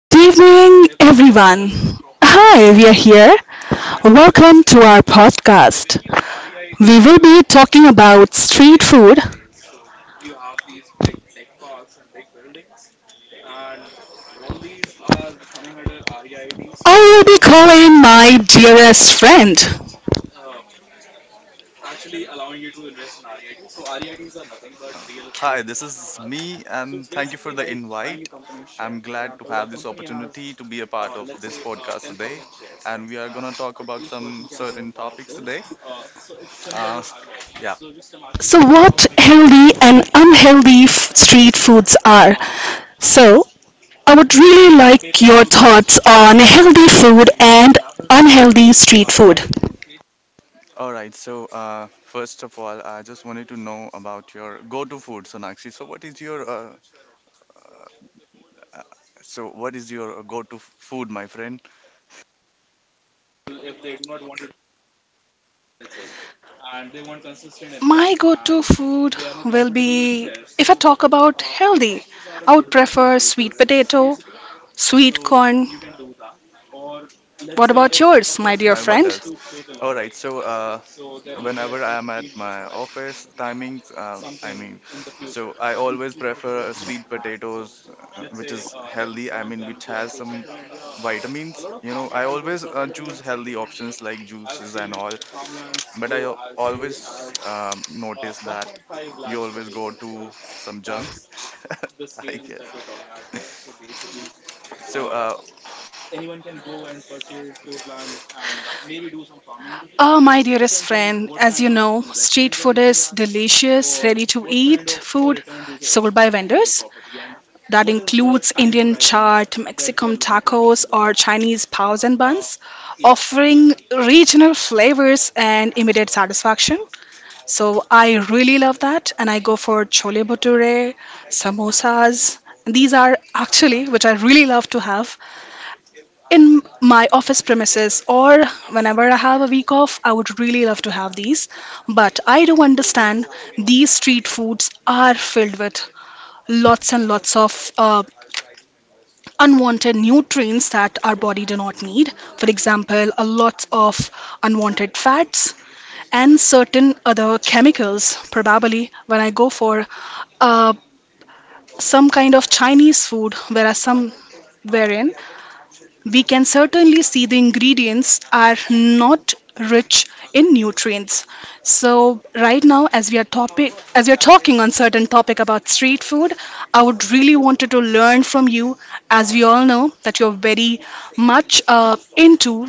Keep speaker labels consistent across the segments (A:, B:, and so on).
A: Good evening, everyone. Hi, we are here. Welcome to our podcast. We will be talking about street food. I will be calling my dearest friend.
B: Hi, this is me, and thank you for the invite. I'm glad to have this opportunity to be a part of this podcast today, and we are gonna talk about some certain topics today. Uh, yeah.
A: So, what healthy and unhealthy street foods are? So, I would really like your thoughts on healthy food and unhealthy street food.
B: All right. First of all, I just wanted to know about your go-to food, Sonakshi. So what is your go-to food, my friend,
A: My go to food will be if I talk about healthy, I would prefer sweet potato, sweet corn. What about yours, my dear
B: and what
A: friend?
B: else? All right. Whenever I am at my office timings, I always prefer sweet potatoes, which is healthy. I mean, which has some vitamins. You know, I always choose healthy options like juices and all. But I always notice that you always go to some junk, I guess. So, uh,
A: Ah, my dearest friend, as you know, street food is delicious, ready to eat food sold by vendors. That includes Indian chaat, Mexican tacos, or Chinese paos and buns, offering regional flavors and immediate satisfaction. So I really love that, and I go for chole bhature, samosas. These are actually which I really love to have in my office premises or whenever I have a week off. I would really love to have these, but I do understand these street foods are filled with lots and lots of uh, unwanted nutrients that our body do not need. For example, a lot of unwanted fats and certain other chemicals probably when I go for uh, some kind of Chinese food where are some wherein we can certainly see the ingredients are not rich in nutrients. So right now, as we are talking on certain topic about street food, I would really wanted to learn from you, as we all know that you're very much into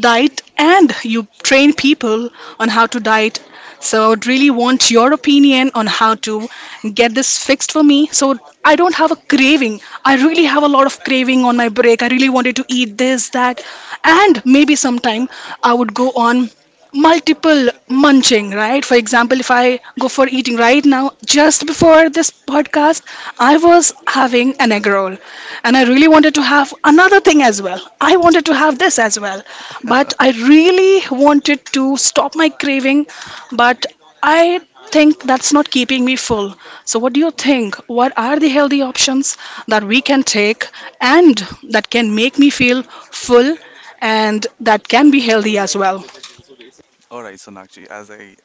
A: diet and you train people on how to diet. So I would really want your opinion on how to get this fixed for me so I don't have a craving. I really have a lot of craving on my break. I really wanted to eat this, that, and maybe sometime I would go on multiple munching, right? For example, if I go for eating right now, just before this podcast, I was having an egg roll and I really wanted to have another thing as well. I wanted to have this as well, but I really wanted to stop my craving, but I think that's not keeping me full. So, what do you think? What are the healthy options that we can take and that can make me feel full and that can be healthy as well?
B: all right, Sonakshi, as I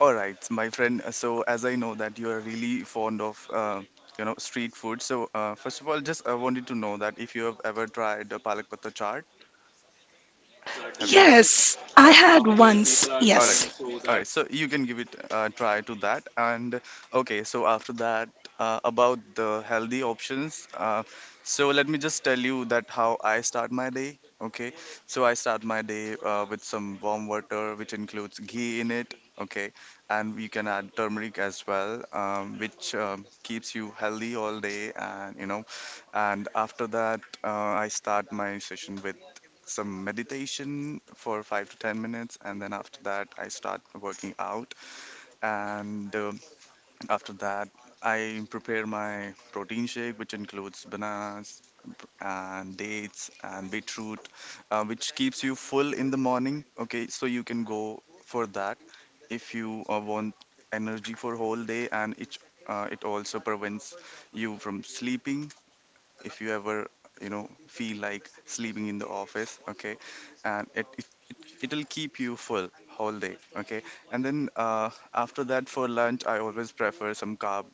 B: all right, my friend. So, as I know that you are really fond of, street food. First of all, just I wanted to know that if you have ever tried the palak patta chaat. Have you ever?
A: Yes, I
B: Huh,
A: had once.
B: all right.
A: Yes.
B: All right. So you can give it a try to that. And okay, so after that, about the healthy options. So let me just tell you that how I start my day. Okay. So I start my day with some warm water, which includes ghee in it. Okay. And we can add turmeric as well, which keeps you healthy all day. And after that, I start my session with some meditation for 5 to 10 minutes, and then after that, I start working out. And after that, I prepare my protein shake, which includes bananas and dates and beetroot, which keeps you full in the morning. Okay, so you can go for that if you want energy for whole day, and it also prevents you from sleeping if you ever you know feel like sleeping in the office. Okay, and it'll keep you full whole day. Okay, and then after that, for lunch I always prefer some carb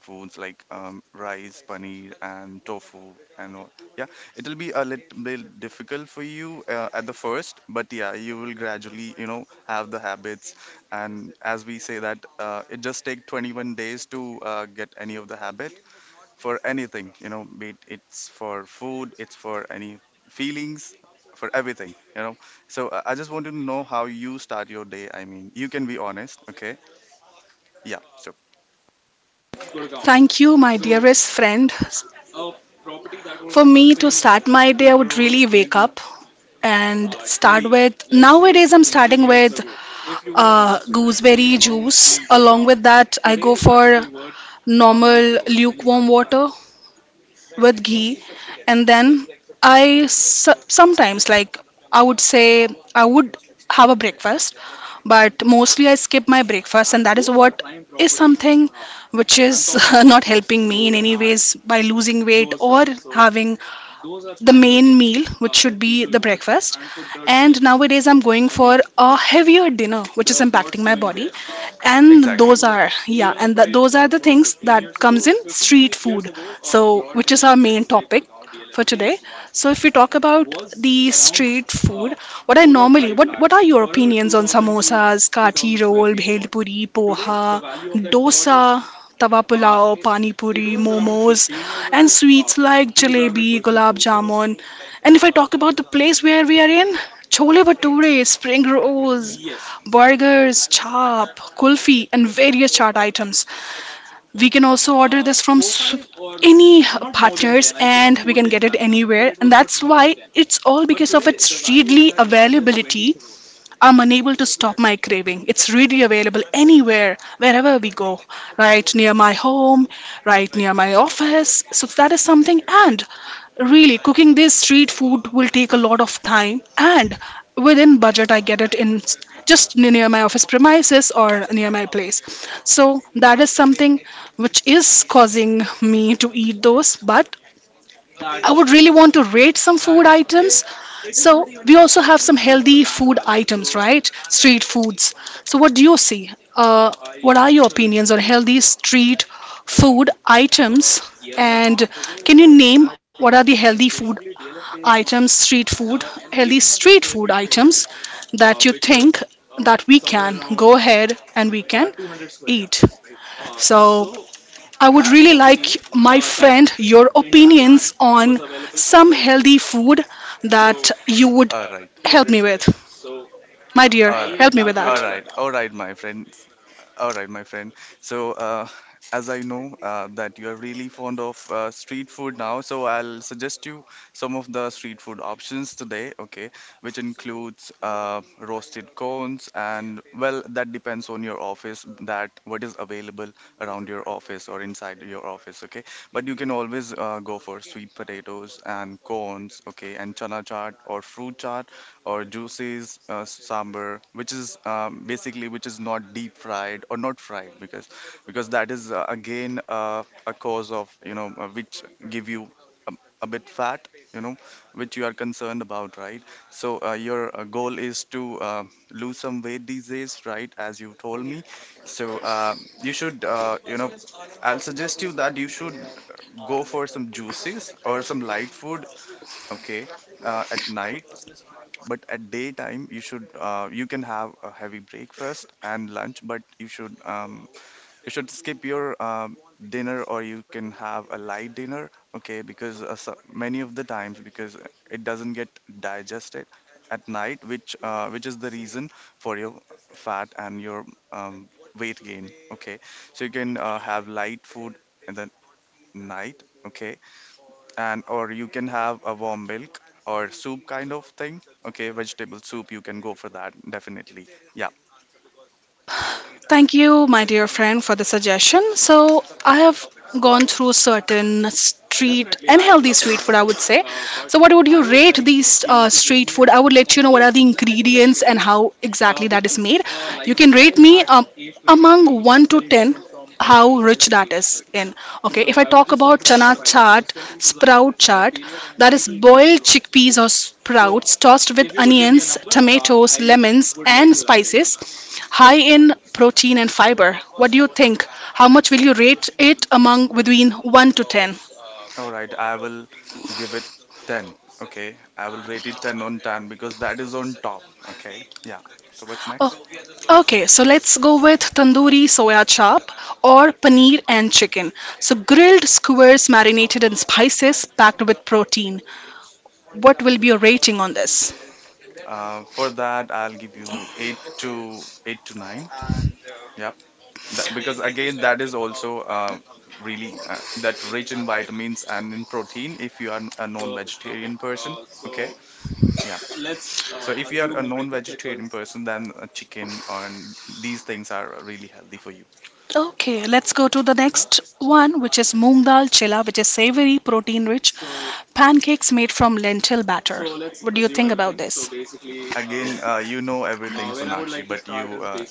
B: foods like rice, paneer, and tofu and all. Yeah, it'll be a little bit difficult for you at the first, but yeah, you will gradually, you know, have the habits. And as we say that it just take 21 days to get any of the habit for anything, you know, be it it's for food, it's for any feelings, for everything, you know. So I just want to know how you start your day. I mean, you can be honest, okay? Yeah, so
A: Thank you, my dearest friend. For me to start my day, I would really wake up and start with. Nowadays, I'm starting with gooseberry juice. Along with that, I go for normal lukewarm water with ghee. And then sometimes, like, I would say, I would have a breakfast, but mostly I skip my breakfast, and that is what is something which is not helping me in any ways by losing weight or having the main meal, which should be the breakfast. And nowadays, I'm going for a heavier dinner, which is impacting my body, and
B: exactly.
A: those are, yeah, and that those are the things that comes in street food, so which is our main topic for today. So if we talk about the street food, what I normally what are your opinions on samosas, kathi roll, bhel puri, poha, dosa, tawa pulao, pani puri, momos, and sweets like jalebi, gulab jamun? And if I talk about the place where we are in, chole bhature, spring rolls, burgers, chop, kulfi, and various chaat items. We can also order this from any partners and we can get it anywhere. And that's why it's all because of its readily availability. I'm unable to stop my craving. It's really available anywhere, wherever we go, right near my home, right near my office. So that is something. And really, cooking this street food will take a lot of time, and within budget, I get it just near my office premises or near my place. So that is something which is causing me to eat those. But I would really want to rate some food items. So we also have some healthy food items, right? Street foods. So what do you see? What are your opinions on healthy street food items? And can you name what are the healthy food items, street food, healthy street food items, that you think that we can go ahead and we can eat. So I would really like, my friend, your opinions on some healthy food that you would
B: All right.
A: help me with. My dear,
B: All right.
A: help me with that.
B: All right. All right, my friend. All right, my friend. So, uh, as I know that you are really fond of street food now, so I'll suggest you some of the street food options today, okay, which includes roasted cones and, well, that depends on your office, that what is available around your office or inside your office, okay. But you can always go for sweet potatoes and cones, okay, and chana chaat or fruit chaat or juices, sambar, which is basically which is not deep fried or not fried because that is again a cause of, you know, which give you a, a bit fat, you know, which you are concerned about, right? So your goal is to lose some weight these days, right, as you told me. So you should I'll suggest you that you should go for some juices or some light food, okay, at night. But at daytime, you should you can have a heavy breakfast and lunch, but you should skip your dinner, or you can have a light dinner, okay? Because many of the times, because it doesn't get digested at night, which is the reason for your fat and your um, weight gain, okay? So you can have light food in the night, okay? And or you can have a warm milk or soup kind of thing. Okay, vegetable soup, you can go for that, definitely. Yeah.
A: Thank you, my dear friend, for the suggestion. So, I have gone through certain street and healthy street food, I would say. So, what would you rate these street food? I would let you know what are the ingredients and how exactly that is made. You can rate me among 1 to 10 how rich that is in. Okay, if I talk about chana chaat, sprout chaat, that is boiled chickpeas or sprouts tossed with onions, tomatoes, lemons, and spices. High in protein and fiber. What do you think? How much will you rate it among between 1 to 10?
B: All right, I will give it 10. Okay, I will rate it 10 on 10 because that is on top. Okay, yeah. So what's
A: Oh,
B: next?
A: okay, so let's go with tandoori soya chop or paneer and chicken. So grilled skewers marinated in spices packed with protein. What will be your rating on this?
B: For that, I'll give you 8 to 9. Yep. That, because again, that is also really that rich in vitamins and in protein if you are a non-vegetarian person. Okay. Yeah. So if you are a non-vegetarian person, then chicken and these things are really healthy for you.
A: Okay, let's go to the next one, which is moong dal chilla, which is savory, protein rich pancakes made from lentil batter. What do you think about this?
B: Again, you know everything, Sonakshi, but you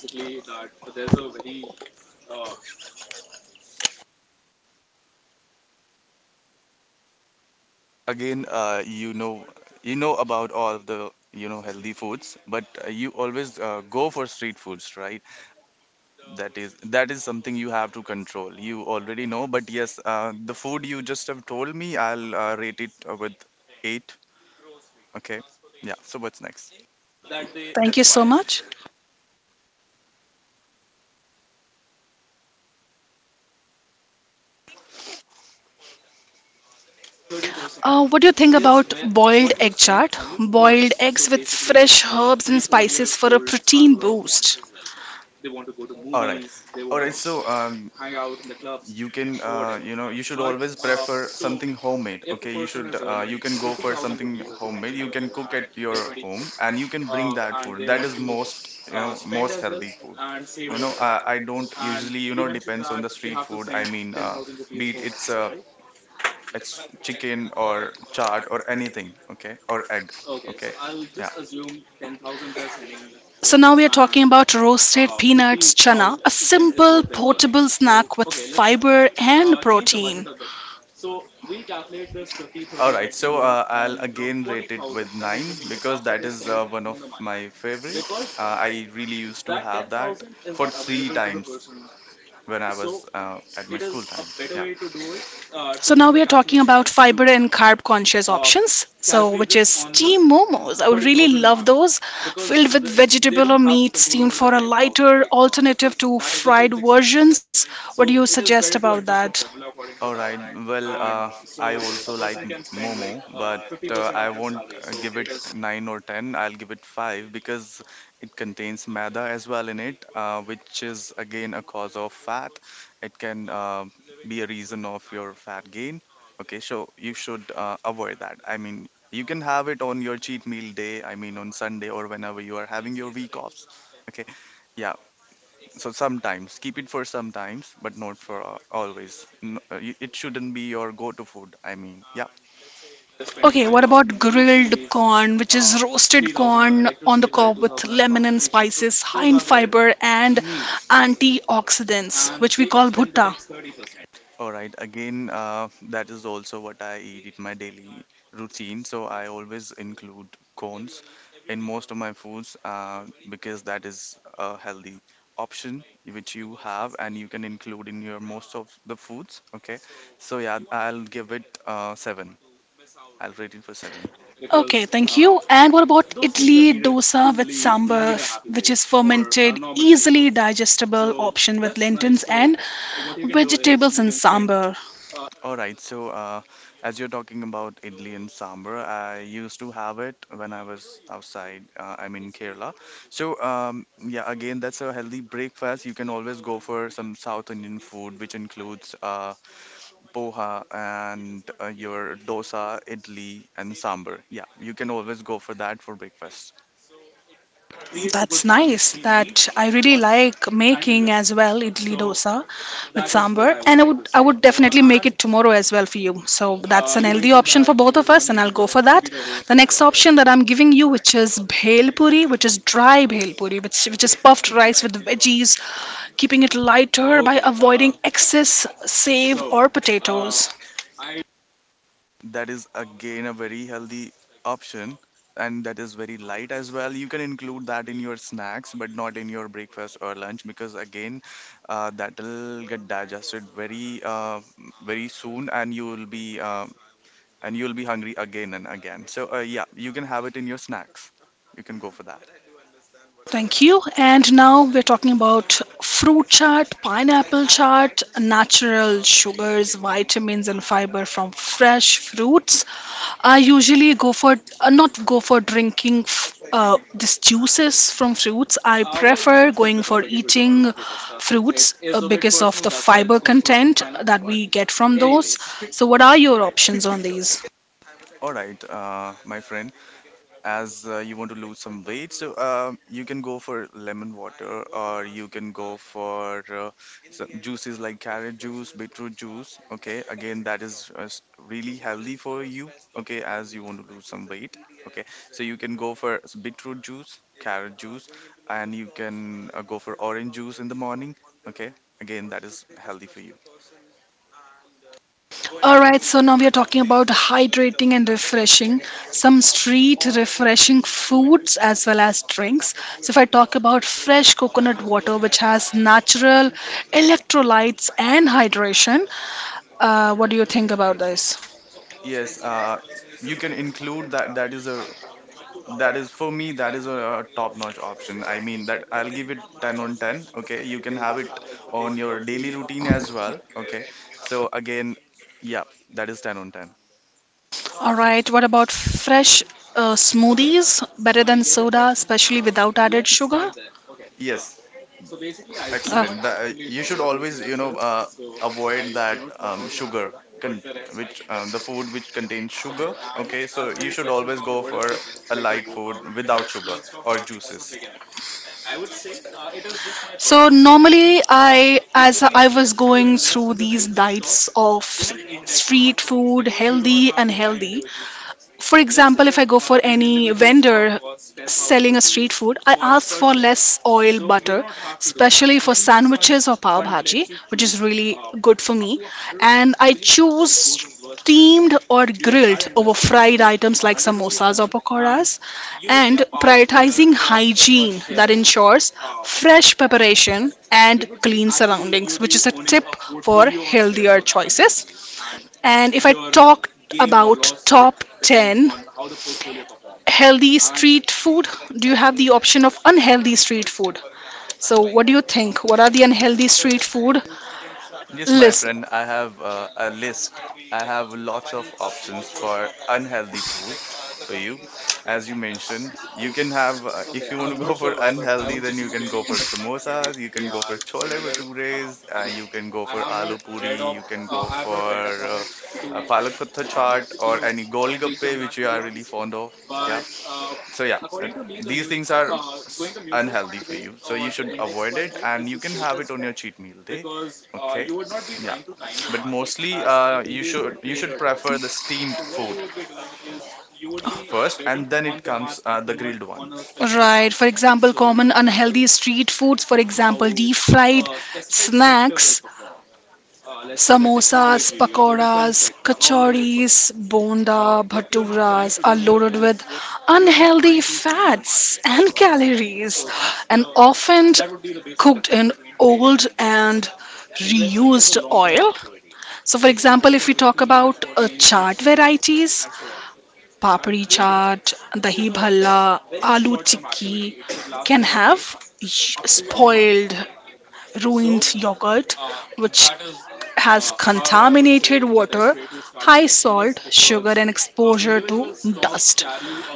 B: again you know about all of the, you know, healthy foods, but you always go for street foods, right? That is something you have to control. You already know, but yes, the food you just have told me, I'll rate it with eight. Okay, yeah. So what's next?
A: Thank you so much. What do you think about boiled egg chaat? Boiled eggs with fresh herbs and spices for a protein boost.
B: All right. All right, so um, you can you should always prefer something homemade. Okay, you can go for something homemade, you can cook at your home and you can bring that food. That is most, you know, most healthy food, you know. I don't usually, you know, depends on the street food. I mean be it it's It's chicken or chaat or anything, okay, or egg, okay, yeah.
A: So now we are talking about roasted peanuts chana, a simple portable snack with fiber and protein.
B: All right, so I'll again rate it with 9 because that is one of my favorite. Uh, I really used to have that for 3 times when I was at my school time. Yeah.
A: So now we are talking about fiber and carb conscious options. So which is steamed momos. I would really love those filled with vegetable or meat, steamed for a lighter alternative to fried versions. What do you suggest about that?
B: All right. Well, I also like Momo, but I won't give it 9 or 10. I'll give it 5 because it contains maida as well in it, which is again a cause of fat. It can be a reason of your fat gain. Okay, so you should avoid that. I mean, you can have it on your cheat meal day, I mean, on Sunday or whenever you are having your week offs. Okay. Yeah, so sometimes keep it for sometimes, but not for always. It shouldn't be your go-to food. I mean, yeah.
A: Okay, what about grilled corn, which is roasted corn on the cob with lemon and spices, high in fiber and antioxidants, which we call bhutta?
B: All right. Again, that is also what I eat in my daily routine. So I always include cones in most of my foods because that is a healthy option which you have and you can include in your most of the foods. Okay. So yeah, I'll give it seven. I'll rate it for seven.
A: Okay, thank you. And what about idli dosa with sambar, which is fermented, easily digestible option with lentils and vegetables in sambar?
B: All right, so as you're talking about idli and sambar, I used to have it when I was outside. I'm in Kerala. So yeah, again, that's a healthy breakfast. You can always go for some South Indian food, which includes poha and your dosa, idli, and sambar. Yeah, you can always go for that for breakfast.
A: That's nice. That I really like making as well, idli dosa with sambar, and I would definitely make it tomorrow as well for you. So that's an healthy option for both of us, and I'll go for that. The next option that I'm giving you, which is bhel puri, which is dry bhel puri, which is puffed rice with veggies, keeping it lighter by avoiding excess save or potatoes.
B: That is again a very healthy option, and that is very light as well. You can include that in your snacks but not in your breakfast or lunch because again that'll get digested very very soon, and you will be hungry again and again. So yeah, you can have it in your snacks. You can go for that.
A: Thank you. And now we're talking about fruit chart, pineapple chart, natural sugars, vitamins, and fiber from fresh fruits. I usually go for not go for drinking these juices from fruits. I prefer going for eating fruits because of the fiber content that we get from those. So, what are your options on these?
B: All right, my friend. As you want to lose some weight. So you can go for lemon water, or you can go for some juices like carrot juice, beetroot juice. Okay, again, that is really healthy for you. Okay, as you want to lose some weight. Okay, so you can go for beetroot juice, carrot juice, and you can go for orange juice in the morning. Okay, again, that is healthy for you.
A: Alright, so now we are talking about hydrating and refreshing, some street refreshing foods as well as drinks. So, if I talk about fresh coconut water, which has natural electrolytes and hydration, what do you think about this?
B: Yes, you can include that. That is a That is for me, that is a top-notch option. I mean that I'll give it 10 on 10. Okay, you can have it on your daily routine as well. Okay, so again, yeah, that is 10 on 10.
A: Alright, what about fresh smoothies? Better than soda, especially without added sugar?
B: Yes, excellent.
A: Oh.
B: You should always, you know, avoid that sugar, con which the food which contains sugar. Okay, so you should always go for a light food without sugar or juices.
A: So normally, I as I was going through these diets of street food, healthy and healthy. For example, if I go for any vendor selling a street food, I ask for less oil, butter, especially for sandwiches or pav bhaji, which is really good for me. And I choose steamed or grilled over fried items like samosas or pakoras, and prioritizing hygiene that ensures fresh preparation and clean surroundings, which is a tip for healthier choices. And if I talk about top 10 healthy street food? Do you have the option of unhealthy street food? So, what do you think? What are the unhealthy street food
B: Yes, my
A: list?
B: friend, I have a list. I have lots of options for unhealthy food for you. As you mentioned, you can have, if you want to go for unhealthy, then you can go for samosas, you can go for chole bhatures, you can go for aloo puri, you can go for uh, palak patta chaat or any golgappe, which you are really fond of. Yeah. So yeah, these things are unhealthy for you. So you should avoid it, and you can have it on your cheat meal day. Okay. Yeah, but mostly you should prefer the steamed food first, and then it comes the grilled ones.
A: Right. For example, common unhealthy street foods, for example, deep fried snacks: samosas, pakoras, kachoris, bonda, bhaturas are loaded with unhealthy fats and calories, and often cooked in old and reused oil. So, for example, if we talk about chaat varieties, papri chaat, dahi bhalla, aloo tikki can have spoiled, ruined yogurt, which has contaminated water, high salt, sugar, and exposure to dust.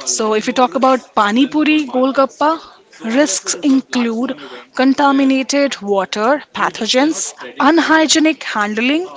A: So, if you talk about pani puri, golgappa, risks include contaminated water, pathogens, unhygienic handling,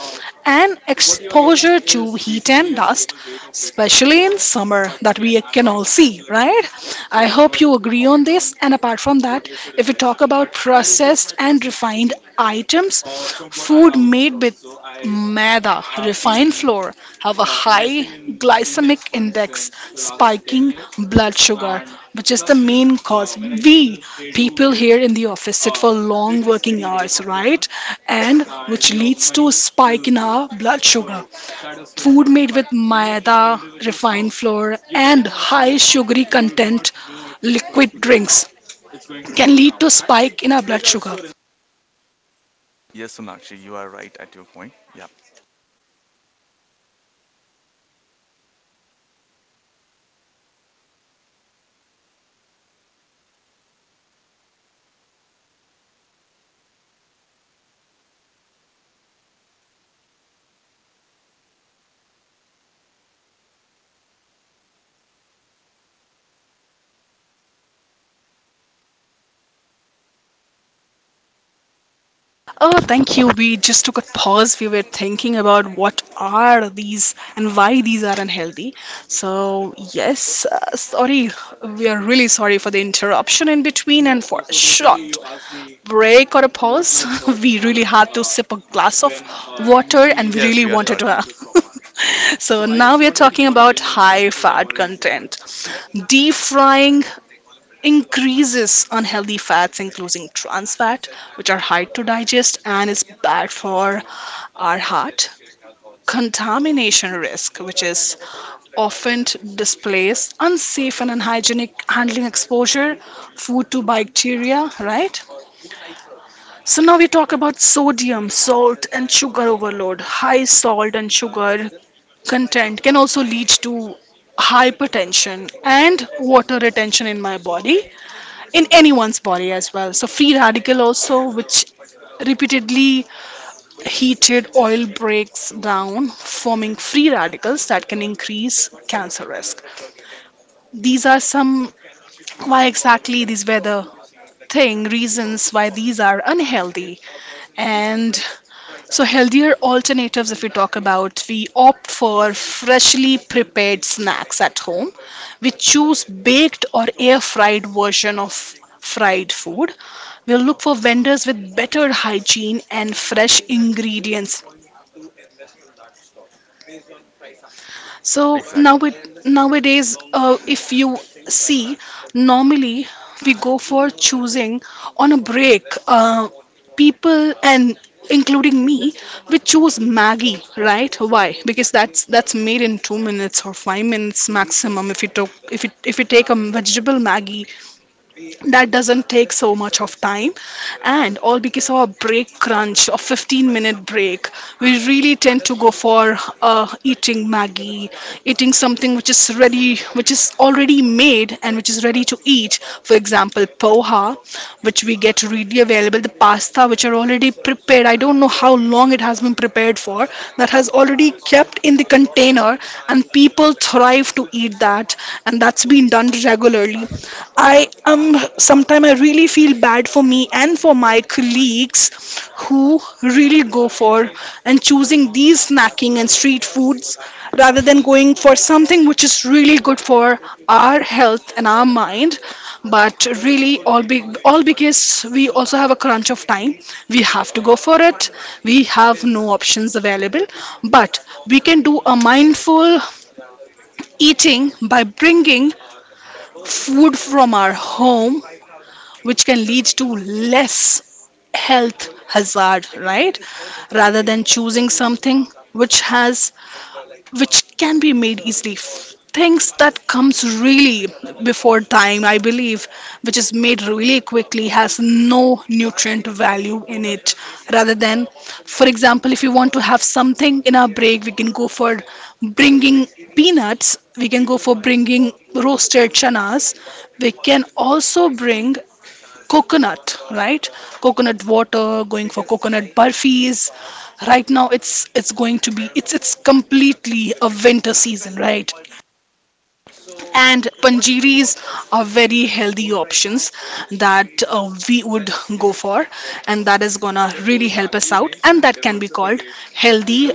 A: and exposure to heat and dust, especially in summer, that we can all see, right? I hope you agree on this. And apart from that, if we talk about processed and refined items, food made with maida, refined flour, have a high glycemic index, spiking blood sugar, which is the main cause. We people here in the office sit for long working hours, right? And which leads to a spike in our blood sugar. Food made with maida, refined flour, and high sugary content liquid drinks can lead to spike in our blood sugar.
B: Yes, Sonakshi, you are right at your point. Yeah.
A: Oh, thank you. We just took a pause. We were thinking about what are these and why these are unhealthy. So, yes, sorry. We are really sorry for the interruption in between and for a short break or a pause. We really had to sip a glass of water and we
B: Yes,
A: really
B: we are
A: wanted
B: sorry.
A: to. So, now we are talking about high fat content. Deep frying increases unhealthy fats, including trans fat, which are hard to digest and is bad for our heart. Contamination risk, which is often displays unsafe and unhygienic handling exposure, food to bacteria, right? So now we talk about sodium, salt, and sugar overload. High salt and sugar content can also lead to hypertension and water retention in my body, in anyone's body as well. So free radical also, which repeatedly heated oil breaks down, forming free radicals that can increase cancer risk. These are some why exactly these were the thing reasons why these are unhealthy. And so healthier alternatives, if we talk about, we opt for freshly prepared snacks at home. We choose baked or air fried version of fried food. We'll look for vendors with better hygiene and fresh ingredients. So now
B: Exactly.
A: it, nowadays, if you see, normally we go for choosing on a break. People and including me, we choose Maggie, right? Why? Because that's made in 2 minutes or 5 minutes maximum. If you took if you take a vegetable Maggie that doesn't take so much of time and all. Because of a break crunch, a 15-minute break, we really tend to go for eating maggie, eating something which is ready, which is already made and which is ready to eat, for example poha, which we get readily available, the pasta which are already prepared. I don't know how long it has been prepared for. That has already kept in the container and people thrive to eat that, and that's been done regularly. I sometimes I really feel bad for me and for my colleagues who really go for and choosing these snacking and street foods rather than going for something which is really good for our health and our mind. But really all because we also have a crunch of time, we have to go for it, we have no options available. But we can do a mindful eating by bringing food from our home, which can lead to less health hazard, right? Rather than choosing something which has, which can be made easily, things that comes really before time, I believe, which is made really quickly, has no nutrient value in it. Rather than, for example, if you want to have something in our break, we can go for bringing peanuts, we can go for bringing roasted chanas, we can also bring coconut, right? Coconut water, going for coconut burfis. Right now, it's going to be, it's completely a winter season, right? And panjiris are very healthy options that we would go for, and that is gonna really help us out. And that can be called healthy,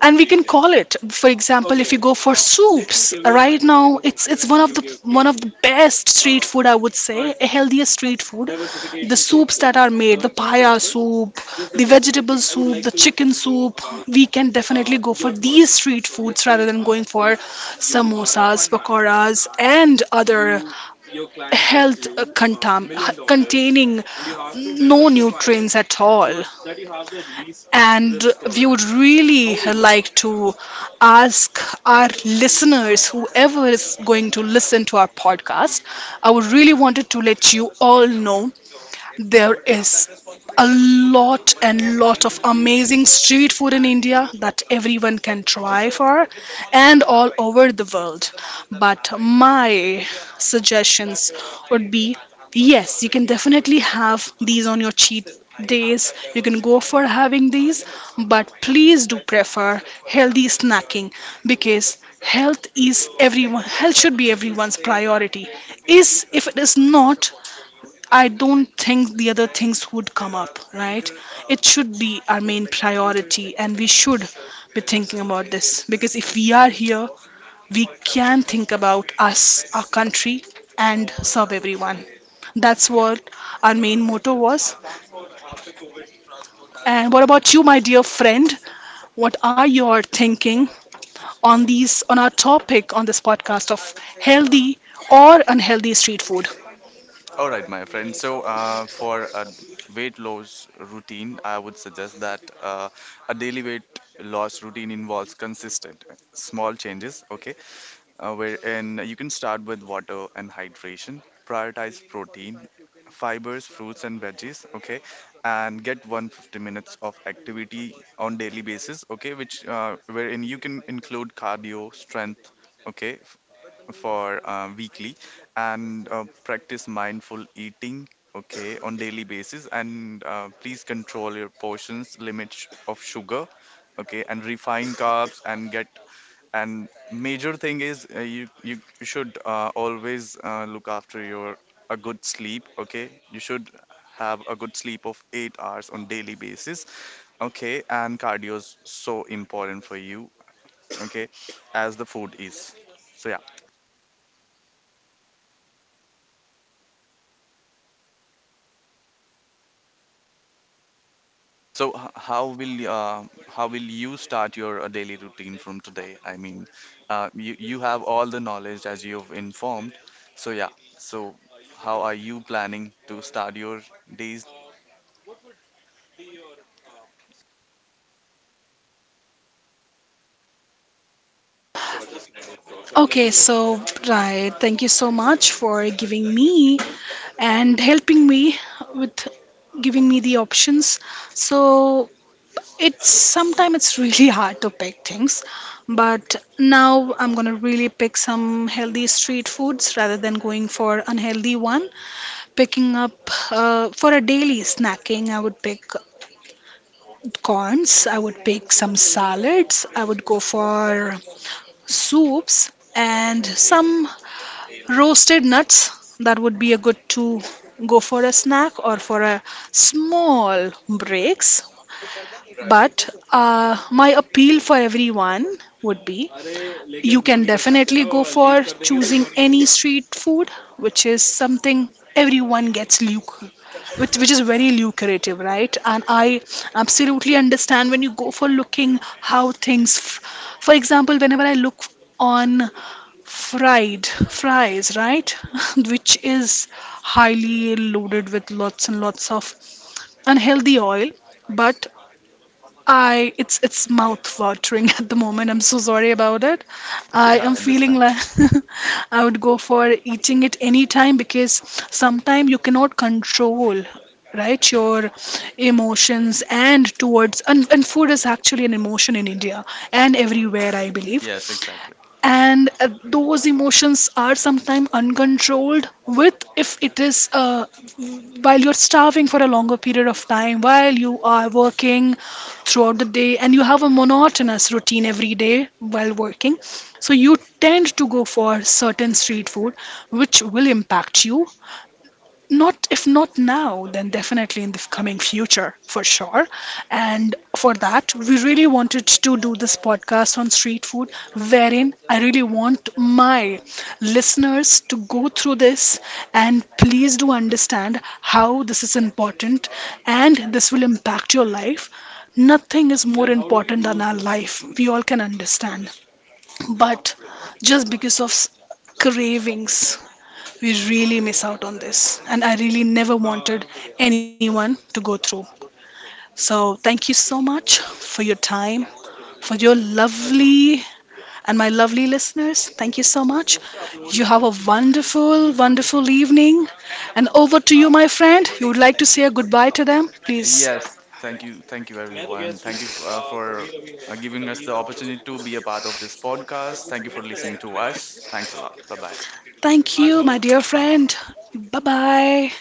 A: and we can call it, for example, if you, okay, go for soups. Right now it's one of the, okay, okay, one of the best street food, I would say. Alright, a healthiest street food, the soups that are made, the paya soup, the vegetable soup, like the chicken soup, we can definitely go for these street foods rather than going for samosas, pakoras, and other health contam- containing no nutrients at all. And we would really like to ask our listeners, whoever is going to listen to our podcast, I would really wanted to let you all know there is a lot and lot of amazing street food in India that everyone can try for, and all over the world. But my suggestions would be, yes, you can definitely have these on your cheat days. You can go for having these, but please do prefer healthy snacking, because health is everyone, health should be everyone's priority. Is if it is not, I don't think the other things would come up, right? It should be our main priority, and we should be thinking about this, because if we are here, we can think about us, our country, and serve everyone. That's what our main motto was. And what about you, my dear friend? What are your thinking on these, on our topic, on this podcast of healthy or unhealthy street food?
B: All right, my friend. So for a weight loss routine, I would suggest that a daily weight loss routine involves consistent small changes. Okay, uh, where, you can start with water and hydration. Prioritize protein, fibers, fruits, and veggies. Okay, and get 150 minutes of activity on daily basis. Okay, which wherein you can include cardio, strength. Okay, for weekly, and practice mindful eating, okay, on daily basis. And please control your portions, limit of sugar, okay, and refine carbs. And major thing is you should always look after your a good sleep. Okay, you should have a good sleep of 8 hours on daily basis. Okay, and cardio is so important for you, okay, as the food is. So yeah, so how will you start your daily routine from today? I mean, you have all the knowledge, as you've informed. So yeah, so how are you planning to start your days?
A: Okay, so right, thank you so much for giving me and helping me with giving me the options. So it's sometimes it's really hard to pick things, but now I'm gonna really pick some healthy street foods rather than going for unhealthy one. Picking up, for a daily snacking, I would pick corns, I would pick some salads, I would go for soups and some roasted nuts. That would be a good to go for a snack or for a small breaks. But my appeal for everyone would be, you can definitely go for choosing any street food which is something everyone gets luke, which is very lucrative, right? And I absolutely understand when you go for looking how things f- for example, whenever I look on fried fries, right? Which is highly loaded with lots and lots of unhealthy oil, but I, it's mouth watering at the moment. I'm so sorry about it. I
B: Yeah,
A: am
B: I
A: feeling
B: understand.
A: like I would go for eating it anytime, because sometimes you cannot control, right, your emotions and towards, and food is actually an emotion in india and everywhere I believe.
B: Yes, exactly.
A: And those emotions are sometimes uncontrolled with, if it is while you're starving for a longer period of time, while you are working throughout the day and you have a monotonous routine every day while working, so you tend to go for certain street food which will impact you, not if not now, then definitely in the coming future for sure. And for that, we really wanted to do this podcast on street food, wherein I really want my listeners to go through this, and please do understand how this is important and this will impact your life. Nothing is more important than our life. We all can understand. But just because of s- cravings, we really miss out on this. And I really never wanted anyone to go through. So thank you so much for your time, for your lovely and my lovely listeners. Thank you so much. You have a wonderful, wonderful evening. And over to you, my friend. You would like to say a goodbye to them? Please.
B: Yes, thank you everyone. Thank you f for giving us the opportunity to be a part of this podcast. Thank you for listening to us. Thanks a lot. Bye bye.
A: Thank you, my dear friend. Bye bye.